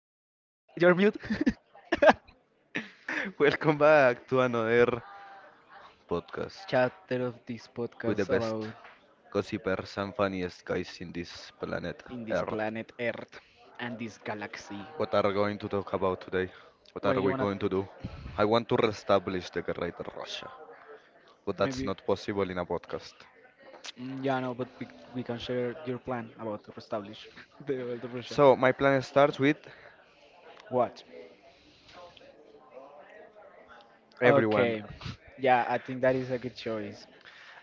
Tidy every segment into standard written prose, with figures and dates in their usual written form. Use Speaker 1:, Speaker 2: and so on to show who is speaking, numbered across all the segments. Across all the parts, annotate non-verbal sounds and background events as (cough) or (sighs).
Speaker 1: you're mute. (laughs)
Speaker 2: (laughs) Welcome back to another podcast
Speaker 1: Chapter of this
Speaker 2: with the
Speaker 1: podcast
Speaker 2: best
Speaker 1: about
Speaker 2: gossipers and funniest guys in this planet
Speaker 1: in this
Speaker 2: Earth.
Speaker 1: planet Earth and this galaxy.
Speaker 2: What are we going to talk about today? What
Speaker 1: Well,
Speaker 2: are
Speaker 1: you
Speaker 2: we
Speaker 1: wanna
Speaker 2: going to do? I want to reestablish the Great Russia, but that's
Speaker 1: maybe,
Speaker 2: not possible in a podcast.
Speaker 1: yeah, no, but we can share your plan about to establish (laughs) the world of Russia.
Speaker 2: So my plan starts with
Speaker 1: What?
Speaker 2: everyone.
Speaker 1: Okay, yeah, I think that is a good choice.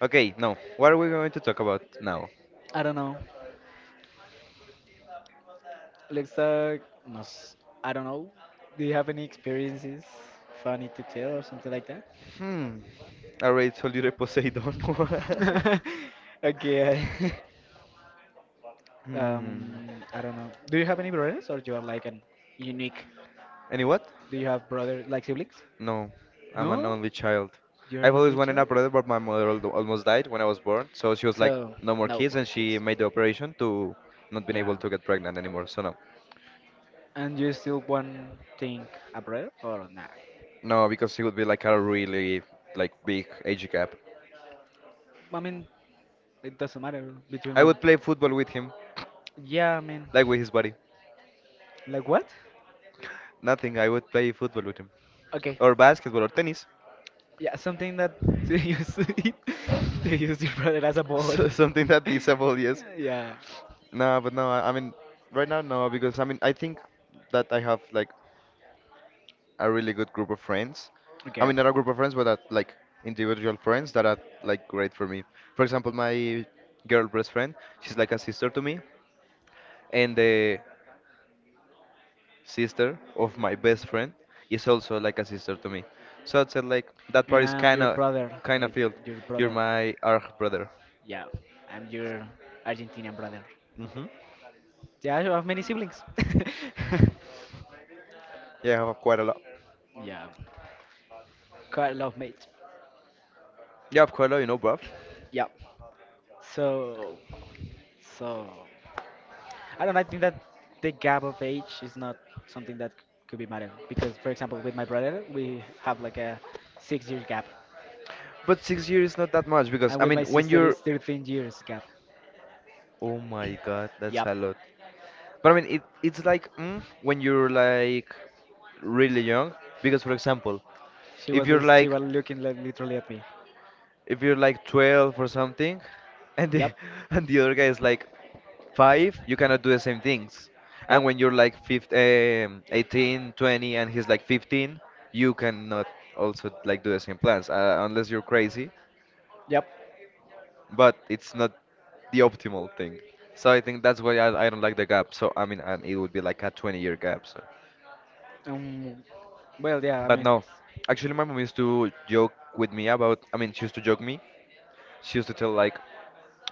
Speaker 2: Okay, now what are we going to talk about now?
Speaker 1: I don't know. Let's no, I don't know. Do you have any experiences funny to tell or something like that?
Speaker 2: Hmm. I already told you the Poseidon. (laughs) one.
Speaker 1: (laughs) Okay. (laughs)
Speaker 2: Hmm.
Speaker 1: I don't know. Do you have any brothers, or you are like an unique?
Speaker 2: Any what?
Speaker 1: Do you have brother like siblings?
Speaker 2: No, I'm an
Speaker 1: No,
Speaker 2: only child.
Speaker 1: you're
Speaker 2: I've
Speaker 1: an
Speaker 2: always
Speaker 1: only
Speaker 2: wanted a
Speaker 1: child.
Speaker 2: brother, but my mother al almost died when I was born, so she was like,
Speaker 1: So
Speaker 2: no more
Speaker 1: no
Speaker 2: kids,
Speaker 1: more
Speaker 2: and she
Speaker 1: kids.
Speaker 2: made the operation to not being
Speaker 1: Yeah.
Speaker 2: able to get pregnant anymore. So no,
Speaker 1: And you still want think a brother or not?
Speaker 2: no, because it would be like a really like big age gap.
Speaker 1: I mean, it doesn't matter between
Speaker 2: I
Speaker 1: my.
Speaker 2: would play football with him,
Speaker 1: Yeah, I mean,
Speaker 2: like with his body.
Speaker 1: like what?
Speaker 2: Nothing, I would play football with him,
Speaker 1: Okay.
Speaker 2: or basketball or tennis.
Speaker 1: Yeah, something that (laughs) to use (laughs) to use
Speaker 2: (laughs)
Speaker 1: your brother as a ball.
Speaker 2: Something that disabled, yes.
Speaker 1: (laughs) Yeah.
Speaker 2: No, but no, I mean, right now no, because I mean, I think that I have like a really good group of friends. I
Speaker 1: Okay.
Speaker 2: mean, not a group of friends, but that, like individual friends that are like great for me. For example, my girl best friend, she's like a sister to me, and the sister of my best friend is also like a sister to me. So I'd say like that part
Speaker 1: And
Speaker 2: is
Speaker 1: I'm your brother,
Speaker 2: kind of
Speaker 1: like
Speaker 2: filled.
Speaker 1: your
Speaker 2: You're
Speaker 1: brother.
Speaker 2: my arch brother.
Speaker 1: Yeah, I'm your Argentinian brother.
Speaker 2: Hmm.
Speaker 1: Yeah, you have many siblings.
Speaker 2: Yeah, I have quite a lot.
Speaker 1: (laughs) Yeah, quite a lot, mate.
Speaker 2: Yeah, I've quite a lot, you know, bruv.
Speaker 1: Yeah. So, so, I don't. Know, I think that the gap of age is not something that could be matter because, for example, with my brother, we have like a six-year gap.
Speaker 2: But 6 years is not that much because
Speaker 1: And
Speaker 2: I
Speaker 1: with
Speaker 2: mean,
Speaker 1: my sister is 13 years gap.
Speaker 2: oh my God, that's
Speaker 1: Yep.
Speaker 2: a lot. But I mean, it's like when you're like really young, because for example,
Speaker 1: She
Speaker 2: if
Speaker 1: was
Speaker 2: you're
Speaker 1: she
Speaker 2: like
Speaker 1: was looking like literally at me.
Speaker 2: if you're like 12 or something, and the
Speaker 1: Yep.
Speaker 2: (laughs) and the other guy is like five, you cannot do the same things. And
Speaker 1: Yep.
Speaker 2: when you're like 15, 18, 20, and he's like 15, you cannot also like do the same plans unless you're crazy.
Speaker 1: Yep.
Speaker 2: But it's not the optimal thing. So I think that's why I don't like the gap. So I mean, and it would be like a 20-year gap. So.
Speaker 1: Um. Well, yeah. I
Speaker 2: But
Speaker 1: mean,
Speaker 2: no, actually, my mom used to joke with me about. I mean, she used to joke me. She used to tell like,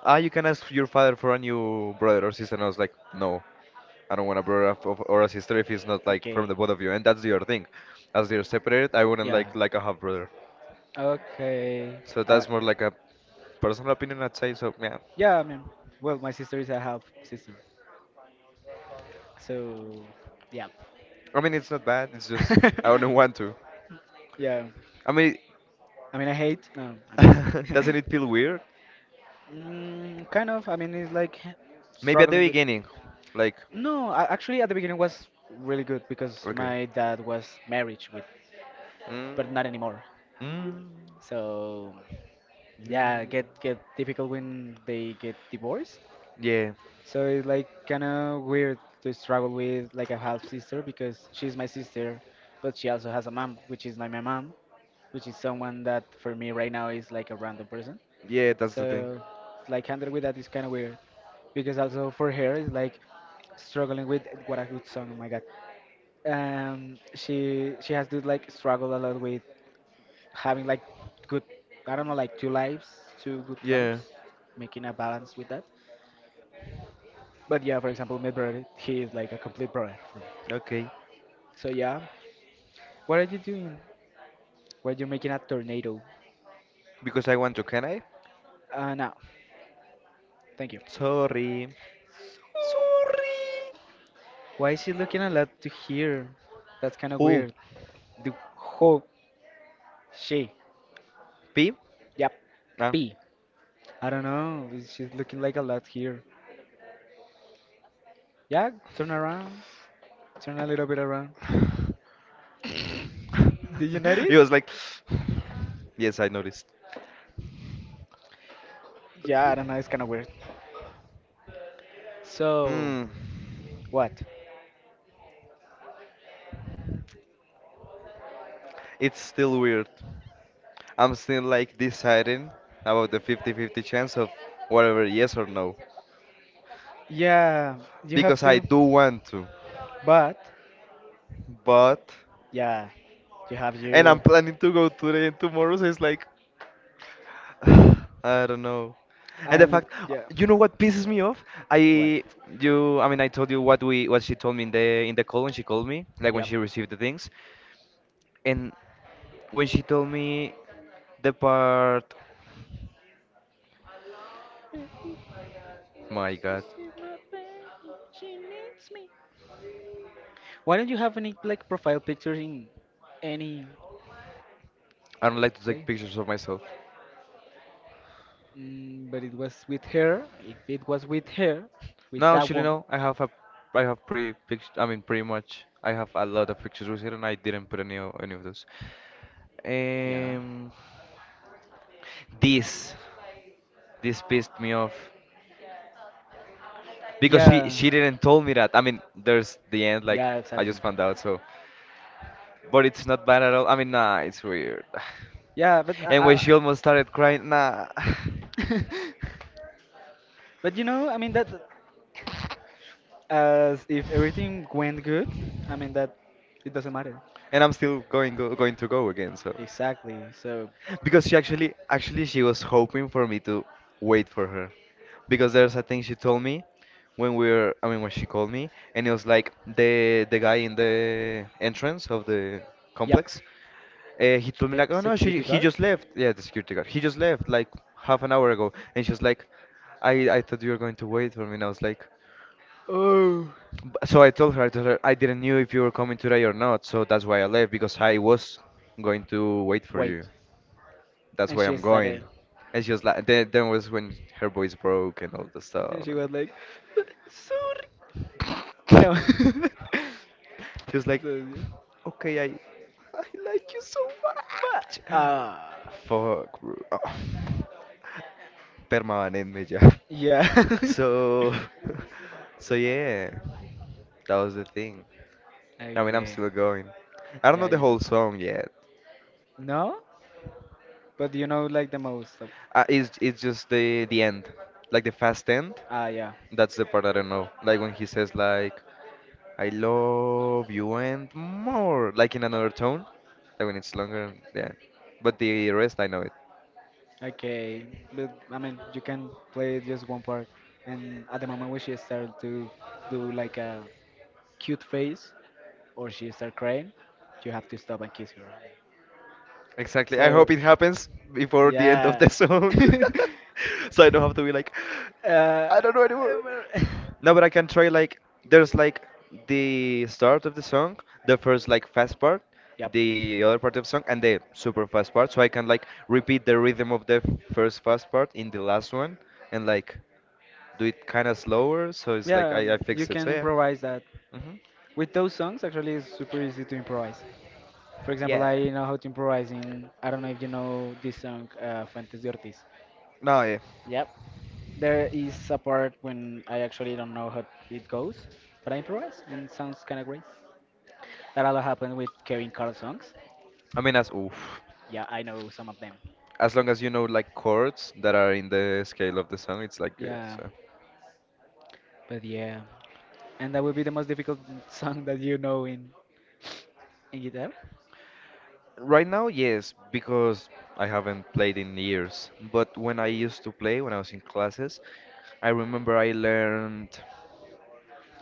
Speaker 2: "Ah, you can ask your father for a new brother or sister." And I was like, "No, I don't want a brother or a sister if it's not like from
Speaker 1: okay.
Speaker 2: the both of you." And that's the other thing. As they're separated, I wouldn't
Speaker 1: Yeah.
Speaker 2: like a half brother.
Speaker 1: Okay.
Speaker 2: So
Speaker 1: Uh.
Speaker 2: that's more like a personal opinion, I'd say. So yeah,
Speaker 1: Yeah. I mean, well, my sister is a half sister, so yeah.
Speaker 2: I mean, it's not bad. It's just I don't (laughs)
Speaker 1: (laughs)
Speaker 2: want to.
Speaker 1: Yeah.
Speaker 2: I mean,
Speaker 1: I mean, I hate. No, I'm joking.
Speaker 2: (laughs)
Speaker 1: (laughs)
Speaker 2: doesn't it feel weird?
Speaker 1: Mm, kind of. I mean, it's like
Speaker 2: Maybe at the
Speaker 1: struggling with.
Speaker 2: beginning, like
Speaker 1: No, actually, at the beginning was really good because
Speaker 2: okay.
Speaker 1: my dad was married with,
Speaker 2: Mm.
Speaker 1: but not anymore.
Speaker 2: Mm.
Speaker 1: So,
Speaker 2: Mm,
Speaker 1: yeah, get difficult when they get divorced.
Speaker 2: yeah,
Speaker 1: So it's like kind of weird to struggle with like a half sister because she's my sister, but she also has a mom, which is not my mom. Which is someone that for me right now is like a random person.
Speaker 2: yeah, that's the thing.
Speaker 1: So like handle with that is kind of weird because also for her it's like struggling with what a good song. Oh my god. She has to like struggle a lot with having like good I don't know like two lives, two good lives,
Speaker 2: Yeah,
Speaker 1: making a balance with that. But yeah, for example, my brother, he is like a complete brother for me.
Speaker 2: okay.
Speaker 1: So yeah, what are you doing? Well, you're making a tornado.
Speaker 2: Because I want to, can I?
Speaker 1: No, thank you.
Speaker 2: Sorry. Sorry.
Speaker 1: Sorry. Why is he looking a lot to here? That's kind of
Speaker 2: Who?
Speaker 1: weird. The ho she.
Speaker 2: P?
Speaker 1: Yep.
Speaker 2: Ah. (laughs)
Speaker 1: P. I don't know. She's looking like a lot here. Yeah, turn around. Turn a little bit around. Did you
Speaker 2: He
Speaker 1: notice?
Speaker 2: was like, yes, I noticed.
Speaker 1: Yeah, I don't know. It's kind of weird. So,
Speaker 2: Hmm.
Speaker 1: what?
Speaker 2: It's still weird. I'm still like deciding about the 50-50 chance of whatever, yes or no.
Speaker 1: Yeah, you have
Speaker 2: Because I
Speaker 1: to.
Speaker 2: do want to.
Speaker 1: But,
Speaker 2: But,
Speaker 1: yeah, you have
Speaker 2: and I'm
Speaker 1: you.
Speaker 2: planning to go today and tomorrow, so it's like, (sighs) I don't know.
Speaker 1: I
Speaker 2: And the
Speaker 1: only,
Speaker 2: fact,
Speaker 1: yeah.
Speaker 2: you know what pisses me off?
Speaker 1: What?
Speaker 2: I you I mean I told you what we what she told me in the call when she called me, like when
Speaker 1: Yep.
Speaker 2: she received the things. And when she told me the part, my God,
Speaker 1: Why don't you have any like profile pictures in any
Speaker 2: I don't like to
Speaker 1: place?
Speaker 2: take pictures of myself.
Speaker 1: Mm, but it was with her. If it was with her, with
Speaker 2: No,
Speaker 1: that
Speaker 2: actually
Speaker 1: woman,
Speaker 2: no. I have pretty picture, pretty much I have a lot of pictures with her, and I didn't put any of those.
Speaker 1: yeah,
Speaker 2: Um, this this pissed me off, because she
Speaker 1: yeah,
Speaker 2: she didn't told me that. I mean, there's the end. Like
Speaker 1: yeah,
Speaker 2: I
Speaker 1: exactly.
Speaker 2: just found out. So, but it's not bad at all. I mean, nah, it's weird. (sighs) (laughs)
Speaker 1: Yeah, but
Speaker 2: And when she almost started crying, nah. (laughs)
Speaker 1: I, (laughs) but you know, I mean that as if everything went good. I mean that it doesn't matter.
Speaker 2: And I'm still going to go again. So.
Speaker 1: Exactly. So,
Speaker 2: Because she actually, she was hoping for me to wait for her, because there's a thing she told me when we were, I mean, when she called me, and it was like the guy in the entrance of the
Speaker 1: yep,
Speaker 2: complex. He told me
Speaker 1: the
Speaker 2: like, oh no, she
Speaker 1: security
Speaker 2: he
Speaker 1: guard.
Speaker 2: just left. Yeah, the security guard. He just left like half an hour ago, and she was like, I thought you were going to wait for me, and I was like.
Speaker 1: Oh,
Speaker 2: So I told her I didn't knew if you were coming today or not, so that's why I left because I was going to wait for you.
Speaker 1: wait.
Speaker 2: That's
Speaker 1: And
Speaker 2: why
Speaker 1: she
Speaker 2: I'm
Speaker 1: started,
Speaker 2: going. It's just like then was when her voice broke and all the
Speaker 1: and
Speaker 2: stuff.
Speaker 1: she was like, "But sorry.
Speaker 2: And
Speaker 1: No. (laughs)
Speaker 2: (laughs) she was like,
Speaker 1: So,
Speaker 2: okay, I like you so much.
Speaker 1: but, uh,
Speaker 2: (sighs) Fuck, bro. (laughs) Permanent me ya.
Speaker 1: yeah. (laughs)
Speaker 2: So, (laughs) so yeah, that was the thing. I mean, I'm
Speaker 1: Okay.
Speaker 2: still going. I don't know
Speaker 1: Yeah,
Speaker 2: the
Speaker 1: yes.
Speaker 2: whole song yet.
Speaker 1: No? But you know, like, the most of.
Speaker 2: It's just the end, like the fast end.
Speaker 1: Ah, yeah.
Speaker 2: That's the part I don't know. Like when he says like I love you and more, like in another tone, like when it's longer. Yeah, but the rest I know it.
Speaker 1: Okay. But, I mean, you can play just one part. And at the moment when she started to do, like, a cute face or she start crying, you have to stop and kiss her.
Speaker 2: Exactly. I
Speaker 1: So,
Speaker 2: hope it happens before the end of
Speaker 1: yeah.
Speaker 2: the song.
Speaker 1: (laughs)
Speaker 2: (laughs) So I don't have to be like,
Speaker 1: Uh,
Speaker 2: I don't know anymore.
Speaker 1: (laughs)
Speaker 2: No, but I can try like, there's like the start of the song, the first like fast part,
Speaker 1: yep.
Speaker 2: the other part of the song, and the super fast part. So I can like repeat the rhythm of the first fast part in the last one and like do it kind of slower. So it's like
Speaker 1: Yeah,
Speaker 2: I
Speaker 1: you
Speaker 2: fixed it.
Speaker 1: can
Speaker 2: So yeah.
Speaker 1: improvise that.
Speaker 2: Hmm.
Speaker 1: With those songs, actually, it's super easy to improvise. For example,
Speaker 2: Yeah.
Speaker 1: I know how to improvise in, I don't know if you know this song, Fuentes de Ortiz.
Speaker 2: No, yeah.
Speaker 1: Yep. There is a part when I actually don't know how it goes, but I improvise and it sounds kind of great. That a lot happened with Kevin Carl songs.
Speaker 2: I mean, that's oof.
Speaker 1: Yeah, I know some of them.
Speaker 2: As long as you know like chords that are in the scale of the song, it's like good.
Speaker 1: Yeah,
Speaker 2: So
Speaker 1: but yeah, and that would be the most difficult (laughs) song that you know in guitar.
Speaker 2: right now, yes, because I haven't played in years. But when I used to play, when I was in classes, I remember I learned.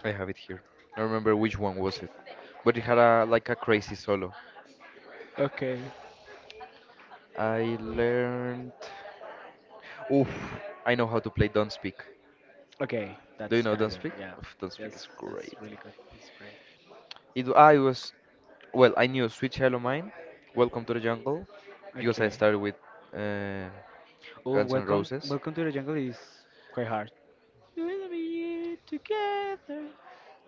Speaker 2: I have it here. I remember which one was it, but it had a like a crazy solo.
Speaker 1: Okay,
Speaker 2: I learned. Oof, I know how to play Don't Speak.
Speaker 1: okay,
Speaker 2: Do you
Speaker 1: that's
Speaker 2: know
Speaker 1: kind of
Speaker 2: Don't
Speaker 1: good.
Speaker 2: Speak?
Speaker 1: Yeah,
Speaker 2: Oof, Don't Speak
Speaker 1: yes,
Speaker 2: is
Speaker 1: that's
Speaker 2: great.
Speaker 1: really good. That's great.
Speaker 2: It, I was Well, I knew Sweet Child O' Mine, Welcome to the Jungle, because I
Speaker 1: Okay.
Speaker 2: started with uh,
Speaker 1: Oh,
Speaker 2: Guns N' Roses.
Speaker 1: welcome to the jungle is quite hard. We'll be together,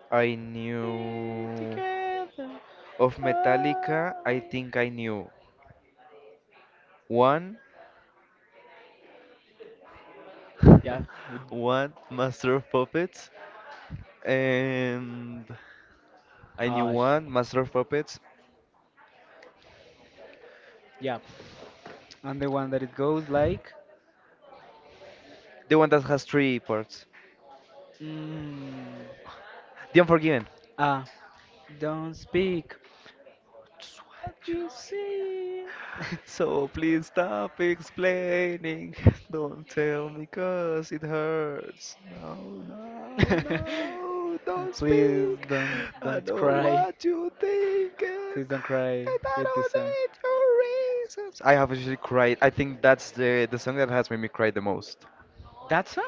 Speaker 2: I
Speaker 1: be
Speaker 2: knew
Speaker 1: together.
Speaker 2: of
Speaker 1: Oh,
Speaker 2: Metallica. I think I knew one,
Speaker 1: yeah.
Speaker 2: (laughs)
Speaker 1: With,
Speaker 2: one Master of Puppets, and I knew
Speaker 1: ah,
Speaker 2: one
Speaker 1: sh-
Speaker 2: Master of Puppets,
Speaker 1: yeah. And the one that it goes like,
Speaker 2: the one that has three parts,
Speaker 1: mm,
Speaker 2: The Unforgiven.
Speaker 1: ah, don't speak.
Speaker 2: Just
Speaker 1: That
Speaker 2: what you
Speaker 1: you
Speaker 2: say.
Speaker 1: see.
Speaker 2: So please stop explaining. (laughs) Don't tell me 'cause it hurts. No, no,
Speaker 1: (laughs)
Speaker 2: no. Don't
Speaker 1: Please
Speaker 2: speak. I
Speaker 1: don't
Speaker 2: know
Speaker 1: cry.
Speaker 2: what you think and,
Speaker 1: Please don't cry
Speaker 2: and I
Speaker 1: with this
Speaker 2: don't
Speaker 1: song.
Speaker 2: need your reasons. I have actually cried. I think that's the song that has made me cry the most.
Speaker 1: That song?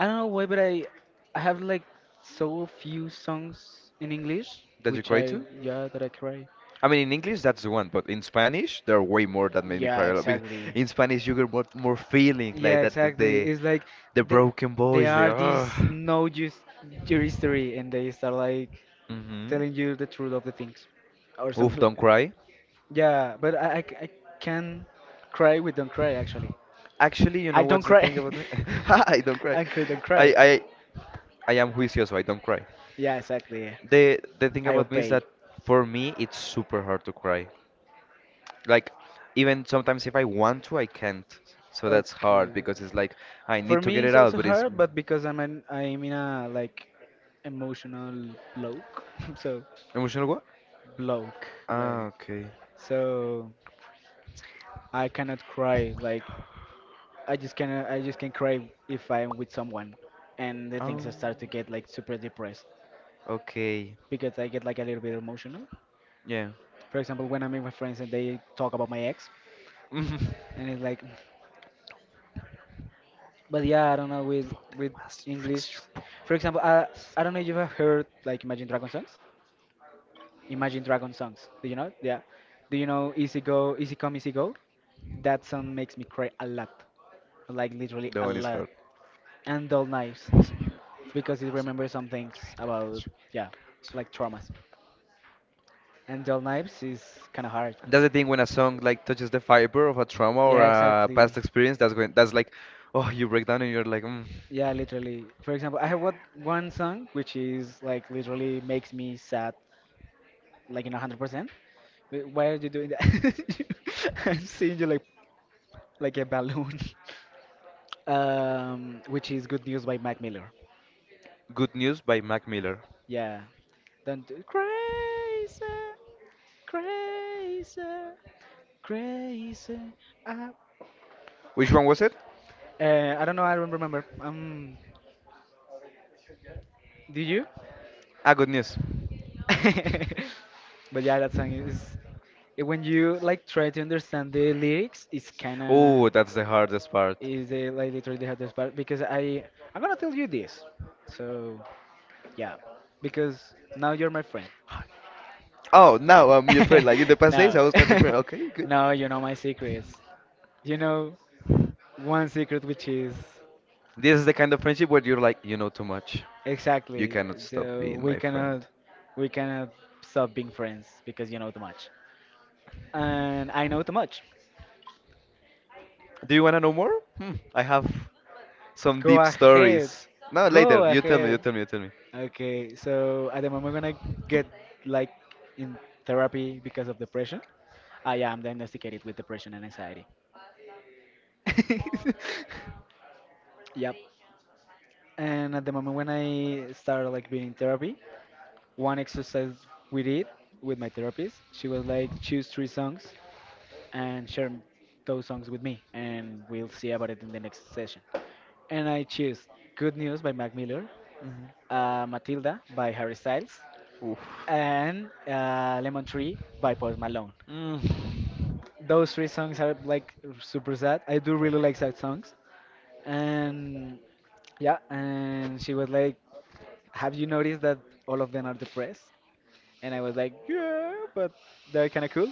Speaker 1: I don't know why, but I have like so few songs in English
Speaker 2: Did you
Speaker 1: which
Speaker 2: cry
Speaker 1: I
Speaker 2: too?
Speaker 1: yeah that I cry.
Speaker 2: I mean, in English, that's the one, but in Spanish, there are way more that made me
Speaker 1: Yeah,
Speaker 2: cry a lot. Because
Speaker 1: exactly.
Speaker 2: in Spanish, you get more feeling,
Speaker 1: Yeah,
Speaker 2: like that
Speaker 1: exactly. It's like
Speaker 2: the
Speaker 1: they
Speaker 2: broken
Speaker 1: they
Speaker 2: voice, the
Speaker 1: are these
Speaker 2: ah.
Speaker 1: no use your history and they start like
Speaker 2: Mm-hmm.
Speaker 1: telling you the truth of the things or
Speaker 2: Oof,
Speaker 1: something like
Speaker 2: don't
Speaker 1: that.
Speaker 2: cry.
Speaker 1: Yeah, but I can cry with don't cry actually.
Speaker 2: Actually, you
Speaker 1: I
Speaker 2: know
Speaker 1: don't
Speaker 2: what's the
Speaker 1: cry.
Speaker 2: thing about me? (laughs) I don't
Speaker 1: (laughs)
Speaker 2: cry.
Speaker 1: I cry don't
Speaker 2: I,
Speaker 1: cry.
Speaker 2: I I am juicioso, I don't cry.
Speaker 1: Yeah, exactly.
Speaker 2: The thing
Speaker 1: I
Speaker 2: about me is
Speaker 1: obey.
Speaker 2: that for me it's super hard to cry. Like even sometimes if I want to, I can't. So that's
Speaker 1: Okay.
Speaker 2: hard because it's like I
Speaker 1: For
Speaker 2: need to
Speaker 1: me,
Speaker 2: get it
Speaker 1: it's
Speaker 2: out,
Speaker 1: also
Speaker 2: but it's
Speaker 1: hard, but because I'm in a like emotional bloke, (laughs) so
Speaker 2: emotional what?
Speaker 1: bloke.
Speaker 2: Ah, okay.
Speaker 1: So I cannot cry. Like I just cannot. I just can cry if I'm with someone, and the things
Speaker 2: Oh,
Speaker 1: I start to get like super depressed
Speaker 2: okay.
Speaker 1: because I get like a little bit emotional.
Speaker 2: Yeah.
Speaker 1: For example, when I'm with my friends and they talk about my ex,
Speaker 2: (laughs) But
Speaker 1: and it's like, but yeah, I don't know
Speaker 2: the
Speaker 1: with
Speaker 2: was tricks
Speaker 1: English.
Speaker 2: you.
Speaker 1: For example, I don't know if you have heard like Imagine Dragon songs. Imagine Dragon songs. Do you know? Yeah. Do you know Easy Go, Easy Come, Easy Go? That song makes me cry a lot, like literally
Speaker 2: That
Speaker 1: a
Speaker 2: one is
Speaker 1: lot.
Speaker 2: hard.
Speaker 1: And Dull Knives. Because it remembers some things about yeah, like traumas. And dull knives is kind of hard.
Speaker 2: That's the thing when a song like touches the fiber of a trauma or
Speaker 1: Yeah,
Speaker 2: a
Speaker 1: exactly.
Speaker 2: past experience. That's when that's like, oh, you break down and you're like, mm.
Speaker 1: Yeah, literally. For example, I have what one song which is like literally makes me sad, like in 100%. Why are you doing that? (laughs) I'm seeing you like a balloon. (laughs) Which is Good News by Mac Miller.
Speaker 2: Good News by Mac Miller.
Speaker 1: Yeah. Don't do crazy. Crazy, crazy. I... (laughs)
Speaker 2: Which
Speaker 1: uh,
Speaker 2: one was it?
Speaker 1: I don't know. I don't remember. Do you?
Speaker 2: Ah, Good News.
Speaker 1: (laughs) But yeah, that song is when you like try to understand the lyrics, it's kind of
Speaker 2: Oh, that's the hardest part.
Speaker 1: is like literally the hardest part because I'm gonna tell you this. So yeah, because now you're my friend.
Speaker 2: Oh, now I'm your friend. Like in the
Speaker 1: (laughs)
Speaker 2: past days, I
Speaker 1: No,
Speaker 2: was not your
Speaker 1: (laughs)
Speaker 2: friend. Okay, good.
Speaker 1: no, you know my secrets. You know one secret which is
Speaker 2: This is the kind of friendship where you're like, you know too much. You
Speaker 1: exactly.
Speaker 2: cannot stop
Speaker 1: So
Speaker 2: being my friend.
Speaker 1: we cannot stop being friends because you know too much. And I know too much.
Speaker 2: Do you want to know more? Hmm, I have some
Speaker 1: Go
Speaker 2: deep
Speaker 1: ahead.
Speaker 2: stories. No,
Speaker 1: Go
Speaker 2: later. You tell me. You
Speaker 1: ahead.
Speaker 2: tell me. You tell me.
Speaker 1: Okay, so at the moment when I get like in therapy because of depression, ah yeah, I'm diagnosticated with depression and anxiety. (laughs) Yep. And at the moment when I started like being in therapy, one exercise we did with my therapist, she was like choose three songs and share those songs with me, and we'll see about it in the next session. And I choose Good News by Mac Miller,
Speaker 2: Mhm.
Speaker 1: Matilda by Harry Styles,
Speaker 2: Oof.
Speaker 1: and Lemon Tree by Post Malone.
Speaker 2: Mm.
Speaker 1: Those three songs are like super sad. I do really like sad songs. And yeah, and she was like, have you noticed that all of them are depressed? And I was like, yeah, but they're kind of cool.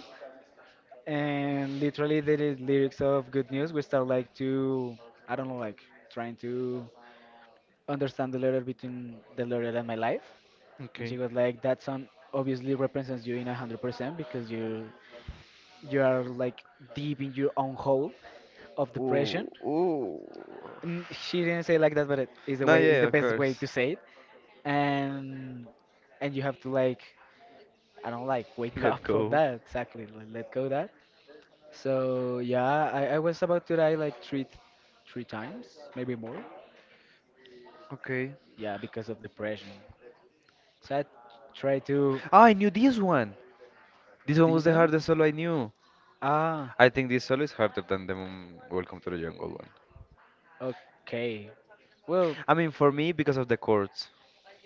Speaker 1: And literally the lyrics of Good News, we start like to, I don't know, like trying to understand the letter between the letter and my life. And she
Speaker 2: Okay.
Speaker 1: was like, that song obviously represents you in 100% because you are like deep in your own hole of depression.
Speaker 2: Ooh, ooh.
Speaker 1: And she didn't say like that, but it is the
Speaker 2: No,
Speaker 1: way is the
Speaker 2: yeah, of
Speaker 1: best way to
Speaker 2: course.
Speaker 1: say it. And and you have to like I don't like wake (laughs)
Speaker 2: Let
Speaker 1: up from
Speaker 2: go.
Speaker 1: that exactly. Like, let go that. So yeah, I was about to die like three times, maybe more.
Speaker 2: Okay.
Speaker 1: Yeah, because of depression. So I tried to
Speaker 2: Ah, I knew this one. This one was the
Speaker 1: dinner.
Speaker 2: hardest solo I knew.
Speaker 1: Ah,
Speaker 2: I think this solo is harder than the Welcome to the Jungle one.
Speaker 1: okay. Well,
Speaker 2: I mean, for me, because of the chords.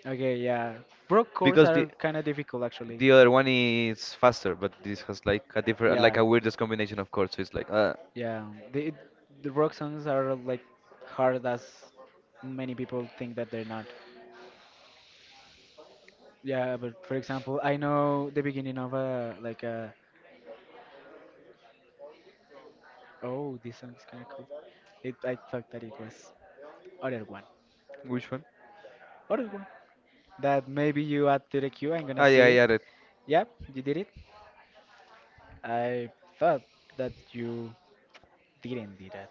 Speaker 1: okay, yeah. Broke chords
Speaker 2: Because the
Speaker 1: are kind of difficult actually.
Speaker 2: the other one is faster, but this has like a different, like
Speaker 1: Yeah,
Speaker 2: a weirdest combination of chords. So it's like,
Speaker 1: yeah. The rock songs are like hard as many people think that they're not. Yeah, but for example, I know the beginning of a like a Oh, this song is kind of cool. It, I thought that it was other one.
Speaker 2: which one?
Speaker 1: Other one. That maybe you add to the queue. I'm gonna
Speaker 2: Ah, yeah,
Speaker 1: see
Speaker 2: I
Speaker 1: it.
Speaker 2: added.
Speaker 1: Yep, you did it. I thought that you didn't do that.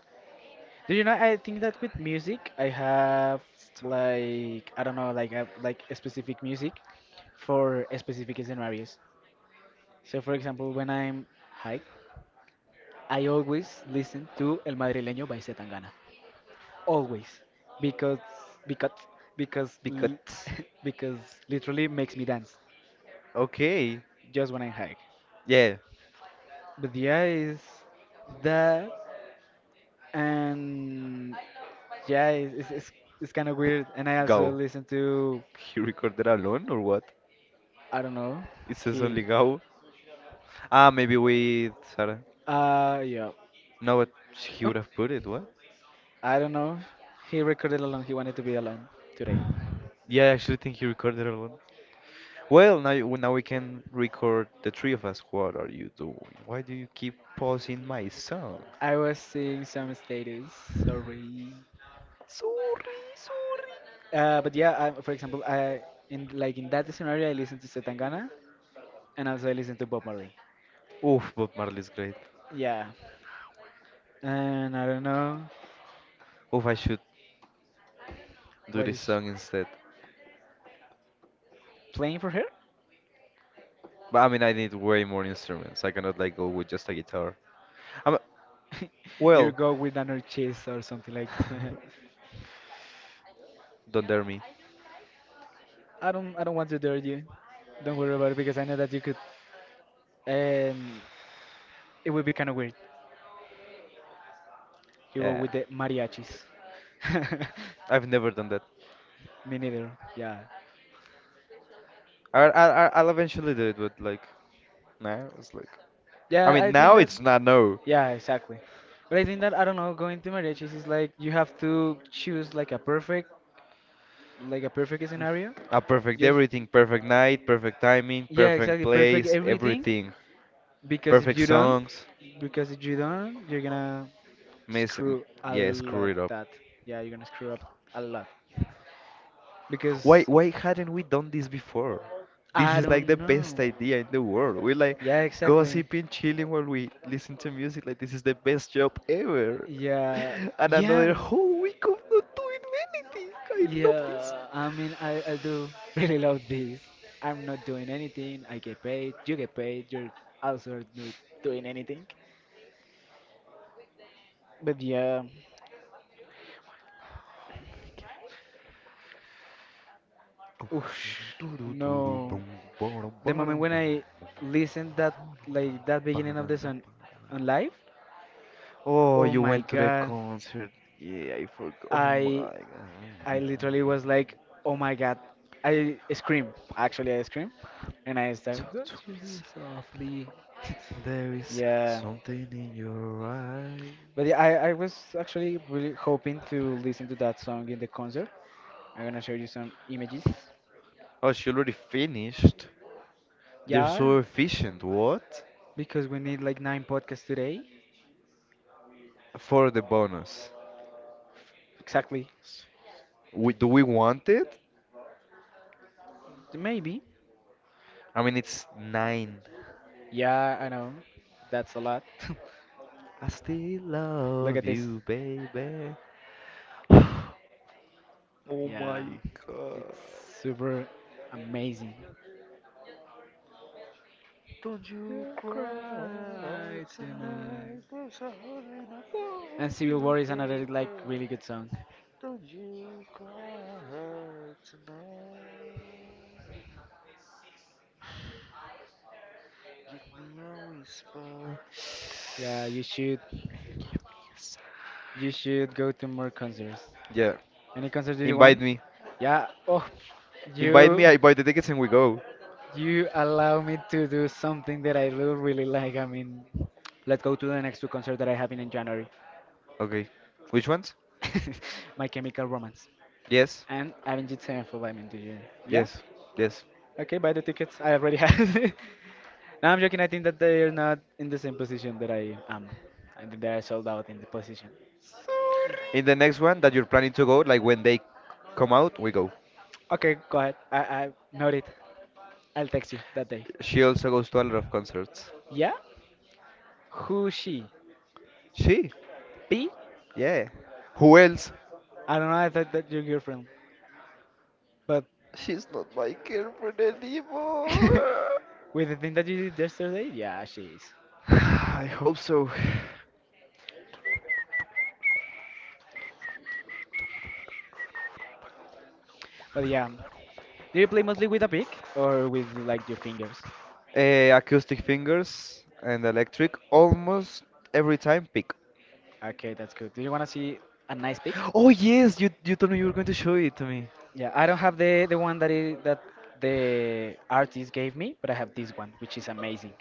Speaker 1: Do you know? I think that with music, I have like I don't know, like like a specific music for a specific scenarios. So, for example, when I'm high, I always listen to El Madrileño by Zetangana. Always because because because l-
Speaker 2: Because.
Speaker 1: (laughs) because literally makes me dance
Speaker 2: Okay.
Speaker 1: just when I hike.
Speaker 2: Yeah.
Speaker 1: But yeah, is that and yeah, it's kind of weird. And I also
Speaker 2: Go.
Speaker 1: listen to
Speaker 2: He recorded alone or what?
Speaker 1: I don't know
Speaker 2: It says
Speaker 1: he
Speaker 2: only go. Ah, maybe with Sarah.
Speaker 1: yeah
Speaker 2: No, but he
Speaker 1: Um,
Speaker 2: would have put it. What?
Speaker 1: I don't know he recorded alone. He wanted to be alone today.
Speaker 2: Yeah, I actually think he recorded alone. Well, now we can record the three of us. What are you doing? Why do you keep pausing my song?
Speaker 1: I was seeing some status. Sorry.
Speaker 2: Sorry.
Speaker 1: Sorry. But yeah, for example, I in like in that scenario, I listen to Setangana, and also I listen to Bob Marley.
Speaker 2: Oof, Bob Marley's great.
Speaker 1: Yeah, and I don't know,
Speaker 2: Oof, I should do this
Speaker 1: was
Speaker 2: song instead.
Speaker 1: playing for her.
Speaker 2: But I mean, I need way more instruments. I cannot like go with just a guitar. I'm,
Speaker 1: (laughs) You
Speaker 2: well,
Speaker 1: go with another chase or something like that.
Speaker 2: (laughs) don't dare me.
Speaker 1: (laughs) I don't want to dare you. Don't worry about it because I know that you could. Um, it would be kind of weird. You go
Speaker 2: Yeah,
Speaker 1: with the mariachis. (laughs)
Speaker 2: I've never done that.
Speaker 1: Me neither. Yeah,
Speaker 2: I'll eventually do it, but like now it's like. I
Speaker 1: yeah. I
Speaker 2: mean,
Speaker 1: think
Speaker 2: now
Speaker 1: that
Speaker 2: it's not no.
Speaker 1: yeah, exactly. But I think that, I don't know, going to marriage is like you have to choose like a perfect, like a perfect scenario.
Speaker 2: A perfect
Speaker 1: Just
Speaker 2: everything, perfect night, perfect timing,
Speaker 1: yeah,
Speaker 2: perfect
Speaker 1: exactly, perfect
Speaker 2: place,
Speaker 1: everything.
Speaker 2: everything,
Speaker 1: Because if
Speaker 2: perfect
Speaker 1: you don't
Speaker 2: songs.
Speaker 1: because if you don't you're gonna
Speaker 2: Miss, m-
Speaker 1: screw a
Speaker 2: yeah, screw
Speaker 1: lot
Speaker 2: it up.
Speaker 1: that. Yeah, you're gonna screw up a lot.
Speaker 2: Why,
Speaker 1: Because
Speaker 2: why hadn't we done this before? This
Speaker 1: I
Speaker 2: is like
Speaker 1: don't
Speaker 2: the best
Speaker 1: know.
Speaker 2: idea in the world. We like
Speaker 1: Yeah, exactly.
Speaker 2: gossiping, chilling while we listen to music. Like this is the best job ever. (laughs)
Speaker 1: Yeah.
Speaker 2: And another
Speaker 1: Yeah.
Speaker 2: whole week of not doing anything. I love this.
Speaker 1: Yeah, I mean, I do really love this. I'm not doing anything. I get paid. You get paid. You're also not doing anything. But yeah, oosh, no. The moment when I listened that, like that beginning of the song
Speaker 2: (laughs)
Speaker 1: on live,
Speaker 2: Oh,
Speaker 1: oh
Speaker 2: you
Speaker 1: my
Speaker 2: went to the
Speaker 1: god,
Speaker 2: concert. Yeah, I forgot. Oh
Speaker 1: I
Speaker 2: my
Speaker 1: I literally
Speaker 2: God.
Speaker 1: was like, oh my god, I scream. Actually, I scream, and I start.
Speaker 2: Talk to
Speaker 1: Don't you
Speaker 2: me,
Speaker 1: be
Speaker 2: sir.
Speaker 1: softly.
Speaker 2: There
Speaker 1: (laughs)
Speaker 2: is
Speaker 1: Yeah.
Speaker 2: something in your eyes.
Speaker 1: But yeah, I was actually really hoping to listen to that song in the concert. I'm gonna show you some images.
Speaker 2: Oh, she already finished. They're
Speaker 1: Yeah,
Speaker 2: so efficient. What?
Speaker 1: because we need like 9 podcasts today.
Speaker 2: For the bonus.
Speaker 1: Exactly.
Speaker 2: Do we want it?
Speaker 1: Maybe.
Speaker 2: I mean, it's nine.
Speaker 1: Yeah, I know. That's a lot. (laughs)
Speaker 2: I still
Speaker 1: Look at
Speaker 2: love
Speaker 1: this.
Speaker 2: you, baby. Oh
Speaker 1: Yeah,
Speaker 2: my God.
Speaker 1: it's super amazing.
Speaker 2: Don't you
Speaker 1: You
Speaker 2: cry
Speaker 1: cry tonight.
Speaker 2: tonight, there's a heart in
Speaker 1: And
Speaker 2: above
Speaker 1: Civil
Speaker 2: you,
Speaker 1: War is
Speaker 2: baby.
Speaker 1: another like really good song.
Speaker 2: Don't you cry tonight. Give me a whisper.
Speaker 1: Yeah,
Speaker 2: Give me a sigh.
Speaker 1: you should go to more concerts.
Speaker 2: Yeah.
Speaker 1: Any concert do you
Speaker 2: Invite
Speaker 1: want?
Speaker 2: me.
Speaker 1: Yeah. Oh,
Speaker 2: Invite me,
Speaker 1: you
Speaker 2: I buy the tickets and we go.
Speaker 1: you allow me to do something that I lo- really like. I mean, let's go to the next two concert that I have in January.
Speaker 2: Okay. Which ones?
Speaker 1: (laughs) My Chemical Romance
Speaker 2: Yes.
Speaker 1: and Avenged Sevenfold. I mean, do you? Yeah.
Speaker 2: Yes. Yes.
Speaker 1: Okay, buy the tickets. I already have. (laughs) No, I'm joking. I think that they are not in the same position that I am. I think they are sold out in the position.
Speaker 2: In the next one that you're planning to go, like when they come out, we go.
Speaker 1: Okay, go ahead. I noted. I'll text you that day.
Speaker 2: She also goes to a lot of concerts.
Speaker 1: Yeah. Who she?
Speaker 2: She?
Speaker 1: P.
Speaker 2: Yeah. Who else?
Speaker 1: I don't know, I thought that your girlfriend, but
Speaker 2: She's not my girlfriend anymore.
Speaker 1: (laughs) with the thing that you did yesterday, yeah, she is.
Speaker 2: (sighs) I hope so. (sighs)
Speaker 1: But yeah, do you play mostly with a pick or with like your fingers?
Speaker 2: Eh, acoustic fingers and electric almost every time pick.
Speaker 1: Okay, that's good. Do you wanna see a nice pick?
Speaker 2: Oh yes, you told me you were going to show it to me.
Speaker 1: Yeah, I don't have the one that is that the artist gave me, but I have this one, which is amazing.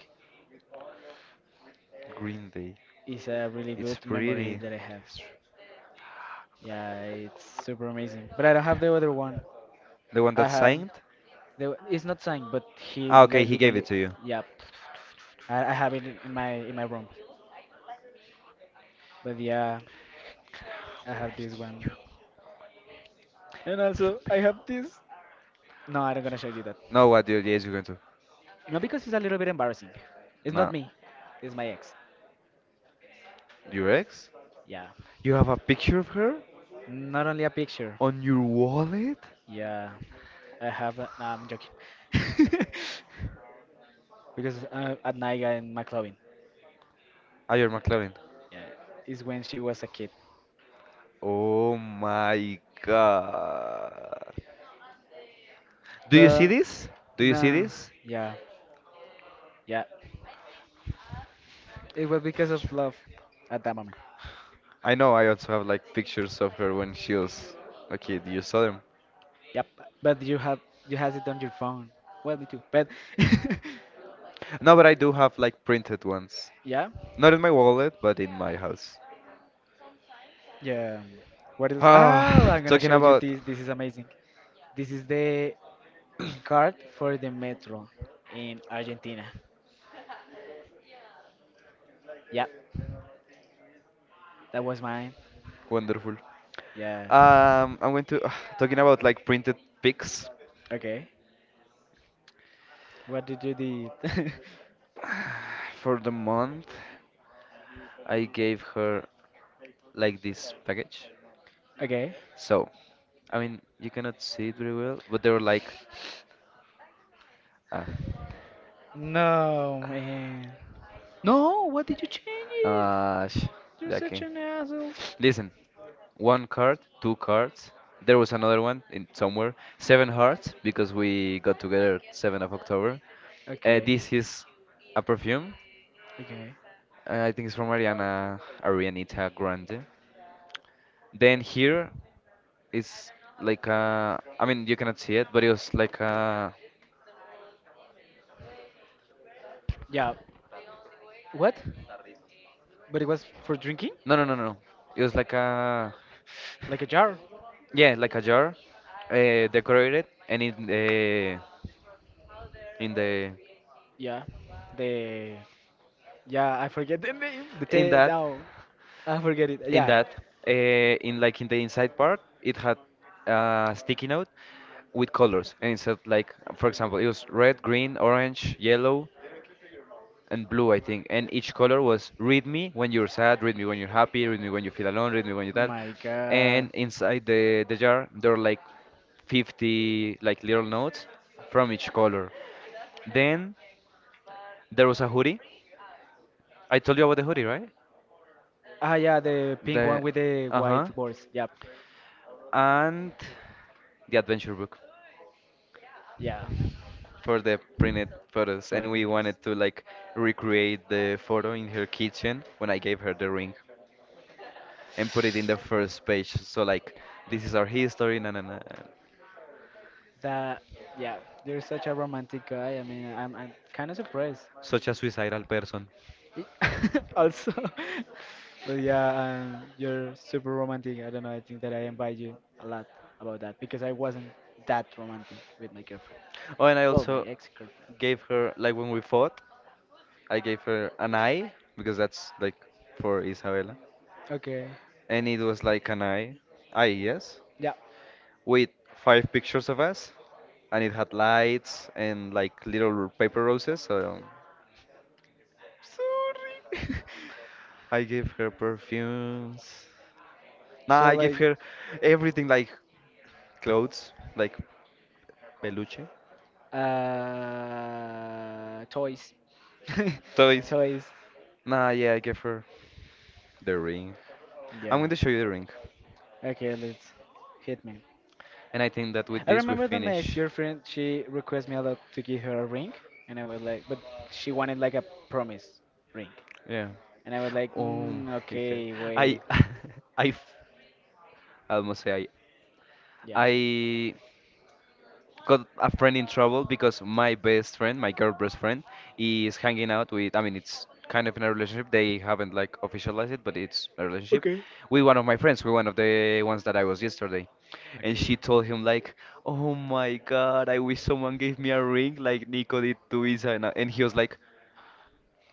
Speaker 2: Green Day.
Speaker 1: It's a really
Speaker 2: It's
Speaker 1: good memory
Speaker 2: pretty.
Speaker 1: that I have.
Speaker 2: It's tr-
Speaker 1: Yeah, it's super amazing. But I don't have the other one.
Speaker 2: The one that
Speaker 1: I have
Speaker 2: signed?
Speaker 1: the, it's not signed, but he
Speaker 2: Ah, okay,
Speaker 1: like
Speaker 2: he gave it
Speaker 1: literally,
Speaker 2: to you.
Speaker 1: yeah, I have it in my in my room. But yeah, I have this one. And also, I have this. No, I'm not gonna show you that.
Speaker 2: No, what? You- Yes, you're going to.
Speaker 1: No, because it's a little bit embarrassing. It's not
Speaker 2: No,
Speaker 1: me, it's my ex.
Speaker 2: your ex?
Speaker 1: Yeah.
Speaker 2: You have a picture of her
Speaker 1: Not only a picture.
Speaker 2: on your wallet?
Speaker 1: Yeah. I have that. No, I'm joking. (laughs) Because at night I'm McLovin.
Speaker 2: Ah, your McLaren.
Speaker 1: Yeah. It's when she was a kid.
Speaker 2: Oh my God. Do you see
Speaker 1: The.
Speaker 2: this? Do you see
Speaker 1: Nah.
Speaker 2: this?
Speaker 1: Yeah. Yeah. It was because of love at that moment.
Speaker 2: I know I also have like pictures of her when she was a kid. You saw them.
Speaker 1: Yep. But you have, you has it on your phone. Well, me too. But
Speaker 2: No, but I do have like printed ones.
Speaker 1: (laughs) yeah.
Speaker 2: Not in my wallet, but in my house.
Speaker 1: Yeah. What else? Oh,
Speaker 2: Ah,
Speaker 1: I'm
Speaker 2: (sighs)
Speaker 1: gonna
Speaker 2: talking
Speaker 1: show you
Speaker 2: about
Speaker 1: this. This is amazing. This is the card for the metro in Argentina. Yeah, that was mine.
Speaker 2: wonderful.
Speaker 1: Yeah.
Speaker 2: I'm going to (sighs) talking about like printed pics
Speaker 1: Okay. What did you do?
Speaker 2: for the month. I gave her like this package.
Speaker 1: (laughs) Okay.
Speaker 2: So, I mean, you cannot see it very well, but they were like, ah.
Speaker 1: No, man. No, what did you change it?
Speaker 2: Uh, sh-
Speaker 1: You're such
Speaker 2: okay.
Speaker 1: an asshole.
Speaker 2: Listen, one card, two cards. There was another one in somewhere. Seven hearts because we got together 7th of October.
Speaker 1: Okay.
Speaker 2: This is a perfume.
Speaker 1: Okay.
Speaker 2: I think it's from Ariana Arianita Grande. Then here is like a. I mean, you cannot see it, but it was like a.
Speaker 1: Yeah. What? But it was for drinking?
Speaker 2: No, no, no, no. It was like a.
Speaker 1: Like a jar?
Speaker 2: Yeah, like a jar, decorated, and in the in the
Speaker 1: Yeah. The yeah, I forget the name. The te
Speaker 2: in that
Speaker 1: now. I forget it.
Speaker 2: in
Speaker 1: Yeah.
Speaker 2: that in like in the inside part it had a sticky note with colors and it said like for example it was red, green, orange, yellow and blue, I think, and each color was read me when you're sad, read me when you're happy, read me when you feel alone, read me when you
Speaker 1: Oh
Speaker 2: that.
Speaker 1: my god.
Speaker 2: And inside the jar there were like 50 like little notes from each color. Then there was a hoodie. I told you about the hoodie, right?
Speaker 1: Ah, yeah, the pink one
Speaker 2: the
Speaker 1: with the white
Speaker 2: uh-huh
Speaker 1: words. Yep.
Speaker 2: and the adventure book
Speaker 1: Yeah.
Speaker 2: for the printed photos. And we
Speaker 1: Photos.
Speaker 2: wanted to like recreate the photo in her kitchen when I gave her the ring and put it in the first page. So like this is our history, na na na.
Speaker 1: That yeah, you're such a romantic guy. I mean, I'm kind of surprised.
Speaker 2: Such a suicidal person.
Speaker 1: Y- (laughs) also, (laughs) but yeah, you're super romantic. I don't know. I think that I invite you a lot about that because I wasn't that romantic with my girlfriend.
Speaker 2: Oh, and I
Speaker 1: Well, my
Speaker 2: also
Speaker 1: ex-girlfriend.
Speaker 2: gave her like when we fought, I gave her an eye because that's like for Isabella,
Speaker 1: Okay.
Speaker 2: and it was like an eye, eye yes,
Speaker 1: Yeah.
Speaker 2: with five pictures of us, and it had lights and like little paper roses. So
Speaker 1: Sorry.
Speaker 2: I gave her perfumes. No,
Speaker 1: (laughs) So
Speaker 2: I gave
Speaker 1: like,
Speaker 2: her everything like clothes, like peluche,
Speaker 1: toys, (laughs)
Speaker 2: toys.
Speaker 1: toys.
Speaker 2: Nah, yeah, I gave her the ring. I'm
Speaker 1: Yeah.
Speaker 2: going to show you the ring.
Speaker 1: Okay, let's hit me.
Speaker 2: And I think that with
Speaker 1: I
Speaker 2: this we
Speaker 1: remember that my
Speaker 2: finish.
Speaker 1: ex-girlfriend she requested me a lot to give her a ring, and I was like, but she wanted like a promise ring,
Speaker 2: Yeah.
Speaker 1: and I was like,
Speaker 2: Oh
Speaker 1: mm,
Speaker 2: my god.
Speaker 1: okay,
Speaker 2: I
Speaker 1: wait,
Speaker 2: (laughs) I f- I almost say I
Speaker 1: yeah,
Speaker 2: I got a friend in trouble because my best friend, my girl best friend, is hanging out with. I mean, it's kind of in a relationship. They haven't like officialized it, but it's a relationship
Speaker 1: okay,
Speaker 2: with one of my friends, with one of the ones that I was yesterday. And she
Speaker 1: okay.
Speaker 2: told him like, "Oh my God, I wish someone gave me a ring like Nico did to Isa." And he was like,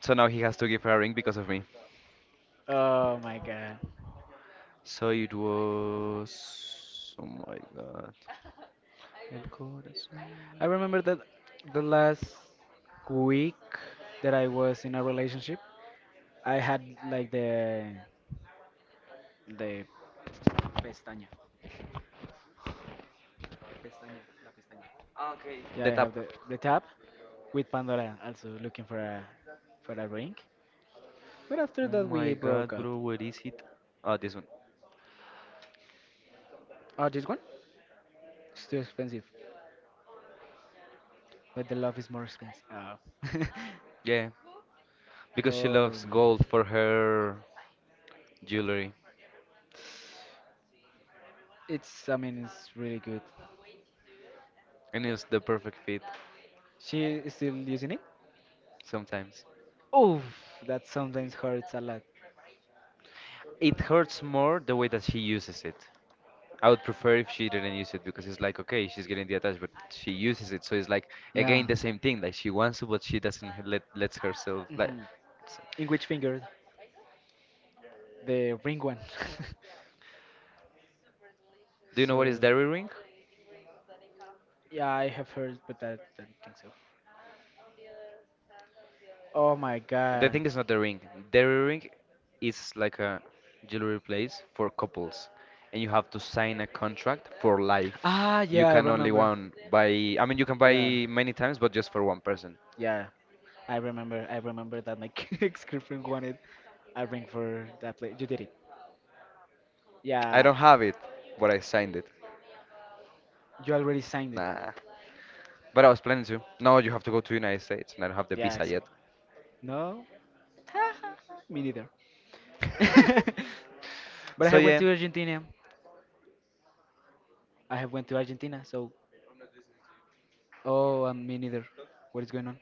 Speaker 2: "So now he has to give her a ring because of me."
Speaker 1: Oh my god.
Speaker 2: So it was. Oh my God. El corazón.
Speaker 1: I remember that the last week that I was in a relationship, I had like the pestaña. Yeah, I
Speaker 2: The tap.
Speaker 1: have the tab with Pandora also looking for a, for a ring. But after
Speaker 2: Oh
Speaker 1: that
Speaker 2: my
Speaker 1: we broke
Speaker 2: god,
Speaker 1: up.
Speaker 2: bro, where is it? Ah, this one.
Speaker 1: Oh, this one? It's too expensive. But the love is more expensive. Oh. (laughs)
Speaker 2: Yeah, because she
Speaker 1: Oh
Speaker 2: loves
Speaker 1: my
Speaker 2: gold for
Speaker 1: god.
Speaker 2: her jewelry,
Speaker 1: It's, I mean it's really good.
Speaker 2: and it's the perfect fit
Speaker 1: She is still using it?
Speaker 2: sometimes.
Speaker 1: Oof, that sometimes hurts a lot.
Speaker 2: It hurts more the way that she uses it. I would prefer if she didn't use it because it's like, okay, she's getting the attached, but she uses it, so it's like again
Speaker 1: Yeah.
Speaker 2: the same thing. Like she wants to, but she doesn't let lets herself. Like,
Speaker 1: Hmm.
Speaker 2: s-
Speaker 1: In which finger? The ring one. (laughs)
Speaker 2: do you know
Speaker 1: So
Speaker 2: what is dairy ring?
Speaker 1: yeah, I have heard, but I don't think so.
Speaker 2: Oh,
Speaker 1: Oh my
Speaker 2: the
Speaker 1: god.
Speaker 2: thing is not the ring. The ring is like a jewelry place for couples, and you have to sign a contract for life.
Speaker 1: Ah,
Speaker 2: Ah, you
Speaker 1: yeah,
Speaker 2: yeah.
Speaker 1: I
Speaker 2: Can only
Speaker 1: remember.
Speaker 2: one buy. I mean, you can buy
Speaker 1: Yeah,
Speaker 2: many times, but just for one person.
Speaker 1: yeah. I remember. I remember that my (laughs) ex-girlfriend wanted a ring for that play. You did it.
Speaker 2: I
Speaker 1: Yeah.
Speaker 2: don't have it, but I signed it.
Speaker 1: You already signed it.
Speaker 2: Nah. But I was planning to. No, you have to go to United States, and I don't have the
Speaker 1: Yeah,
Speaker 2: visa
Speaker 1: exactly.
Speaker 2: yet.
Speaker 1: No, me neither. (laughs)
Speaker 2: (laughs)
Speaker 1: But I
Speaker 2: So
Speaker 1: have went
Speaker 2: yeah,
Speaker 1: to Argentina. I have went to Argentina. So,
Speaker 2: I'm not listening to you.
Speaker 1: oh, me neither.
Speaker 2: Talk.
Speaker 1: What is going on?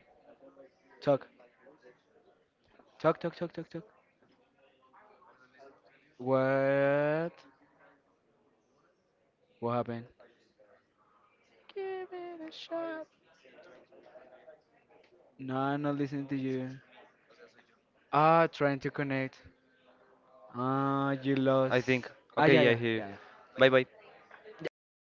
Speaker 1: Talk,
Speaker 2: What?
Speaker 1: talk, talk, talk, talk, talk.
Speaker 2: I'm not listening to anything.
Speaker 1: What?
Speaker 2: What?
Speaker 1: What happened? Give it a
Speaker 2: Ah,
Speaker 1: shot.
Speaker 2: it's saying trying to reconnect.
Speaker 1: No, I'm not listening
Speaker 2: No,
Speaker 1: to
Speaker 2: it's
Speaker 1: you.
Speaker 2: it's me. O sea, soy yo.
Speaker 1: Ah, trying to connect. Ah,
Speaker 2: Ya,
Speaker 1: you
Speaker 2: I
Speaker 1: lost.
Speaker 2: think.
Speaker 1: Ah,
Speaker 2: Okay,
Speaker 1: yeah,
Speaker 2: yeah, I
Speaker 1: yeah,
Speaker 2: hear you.
Speaker 1: yeah.
Speaker 2: Bye bye.
Speaker 1: Yeah.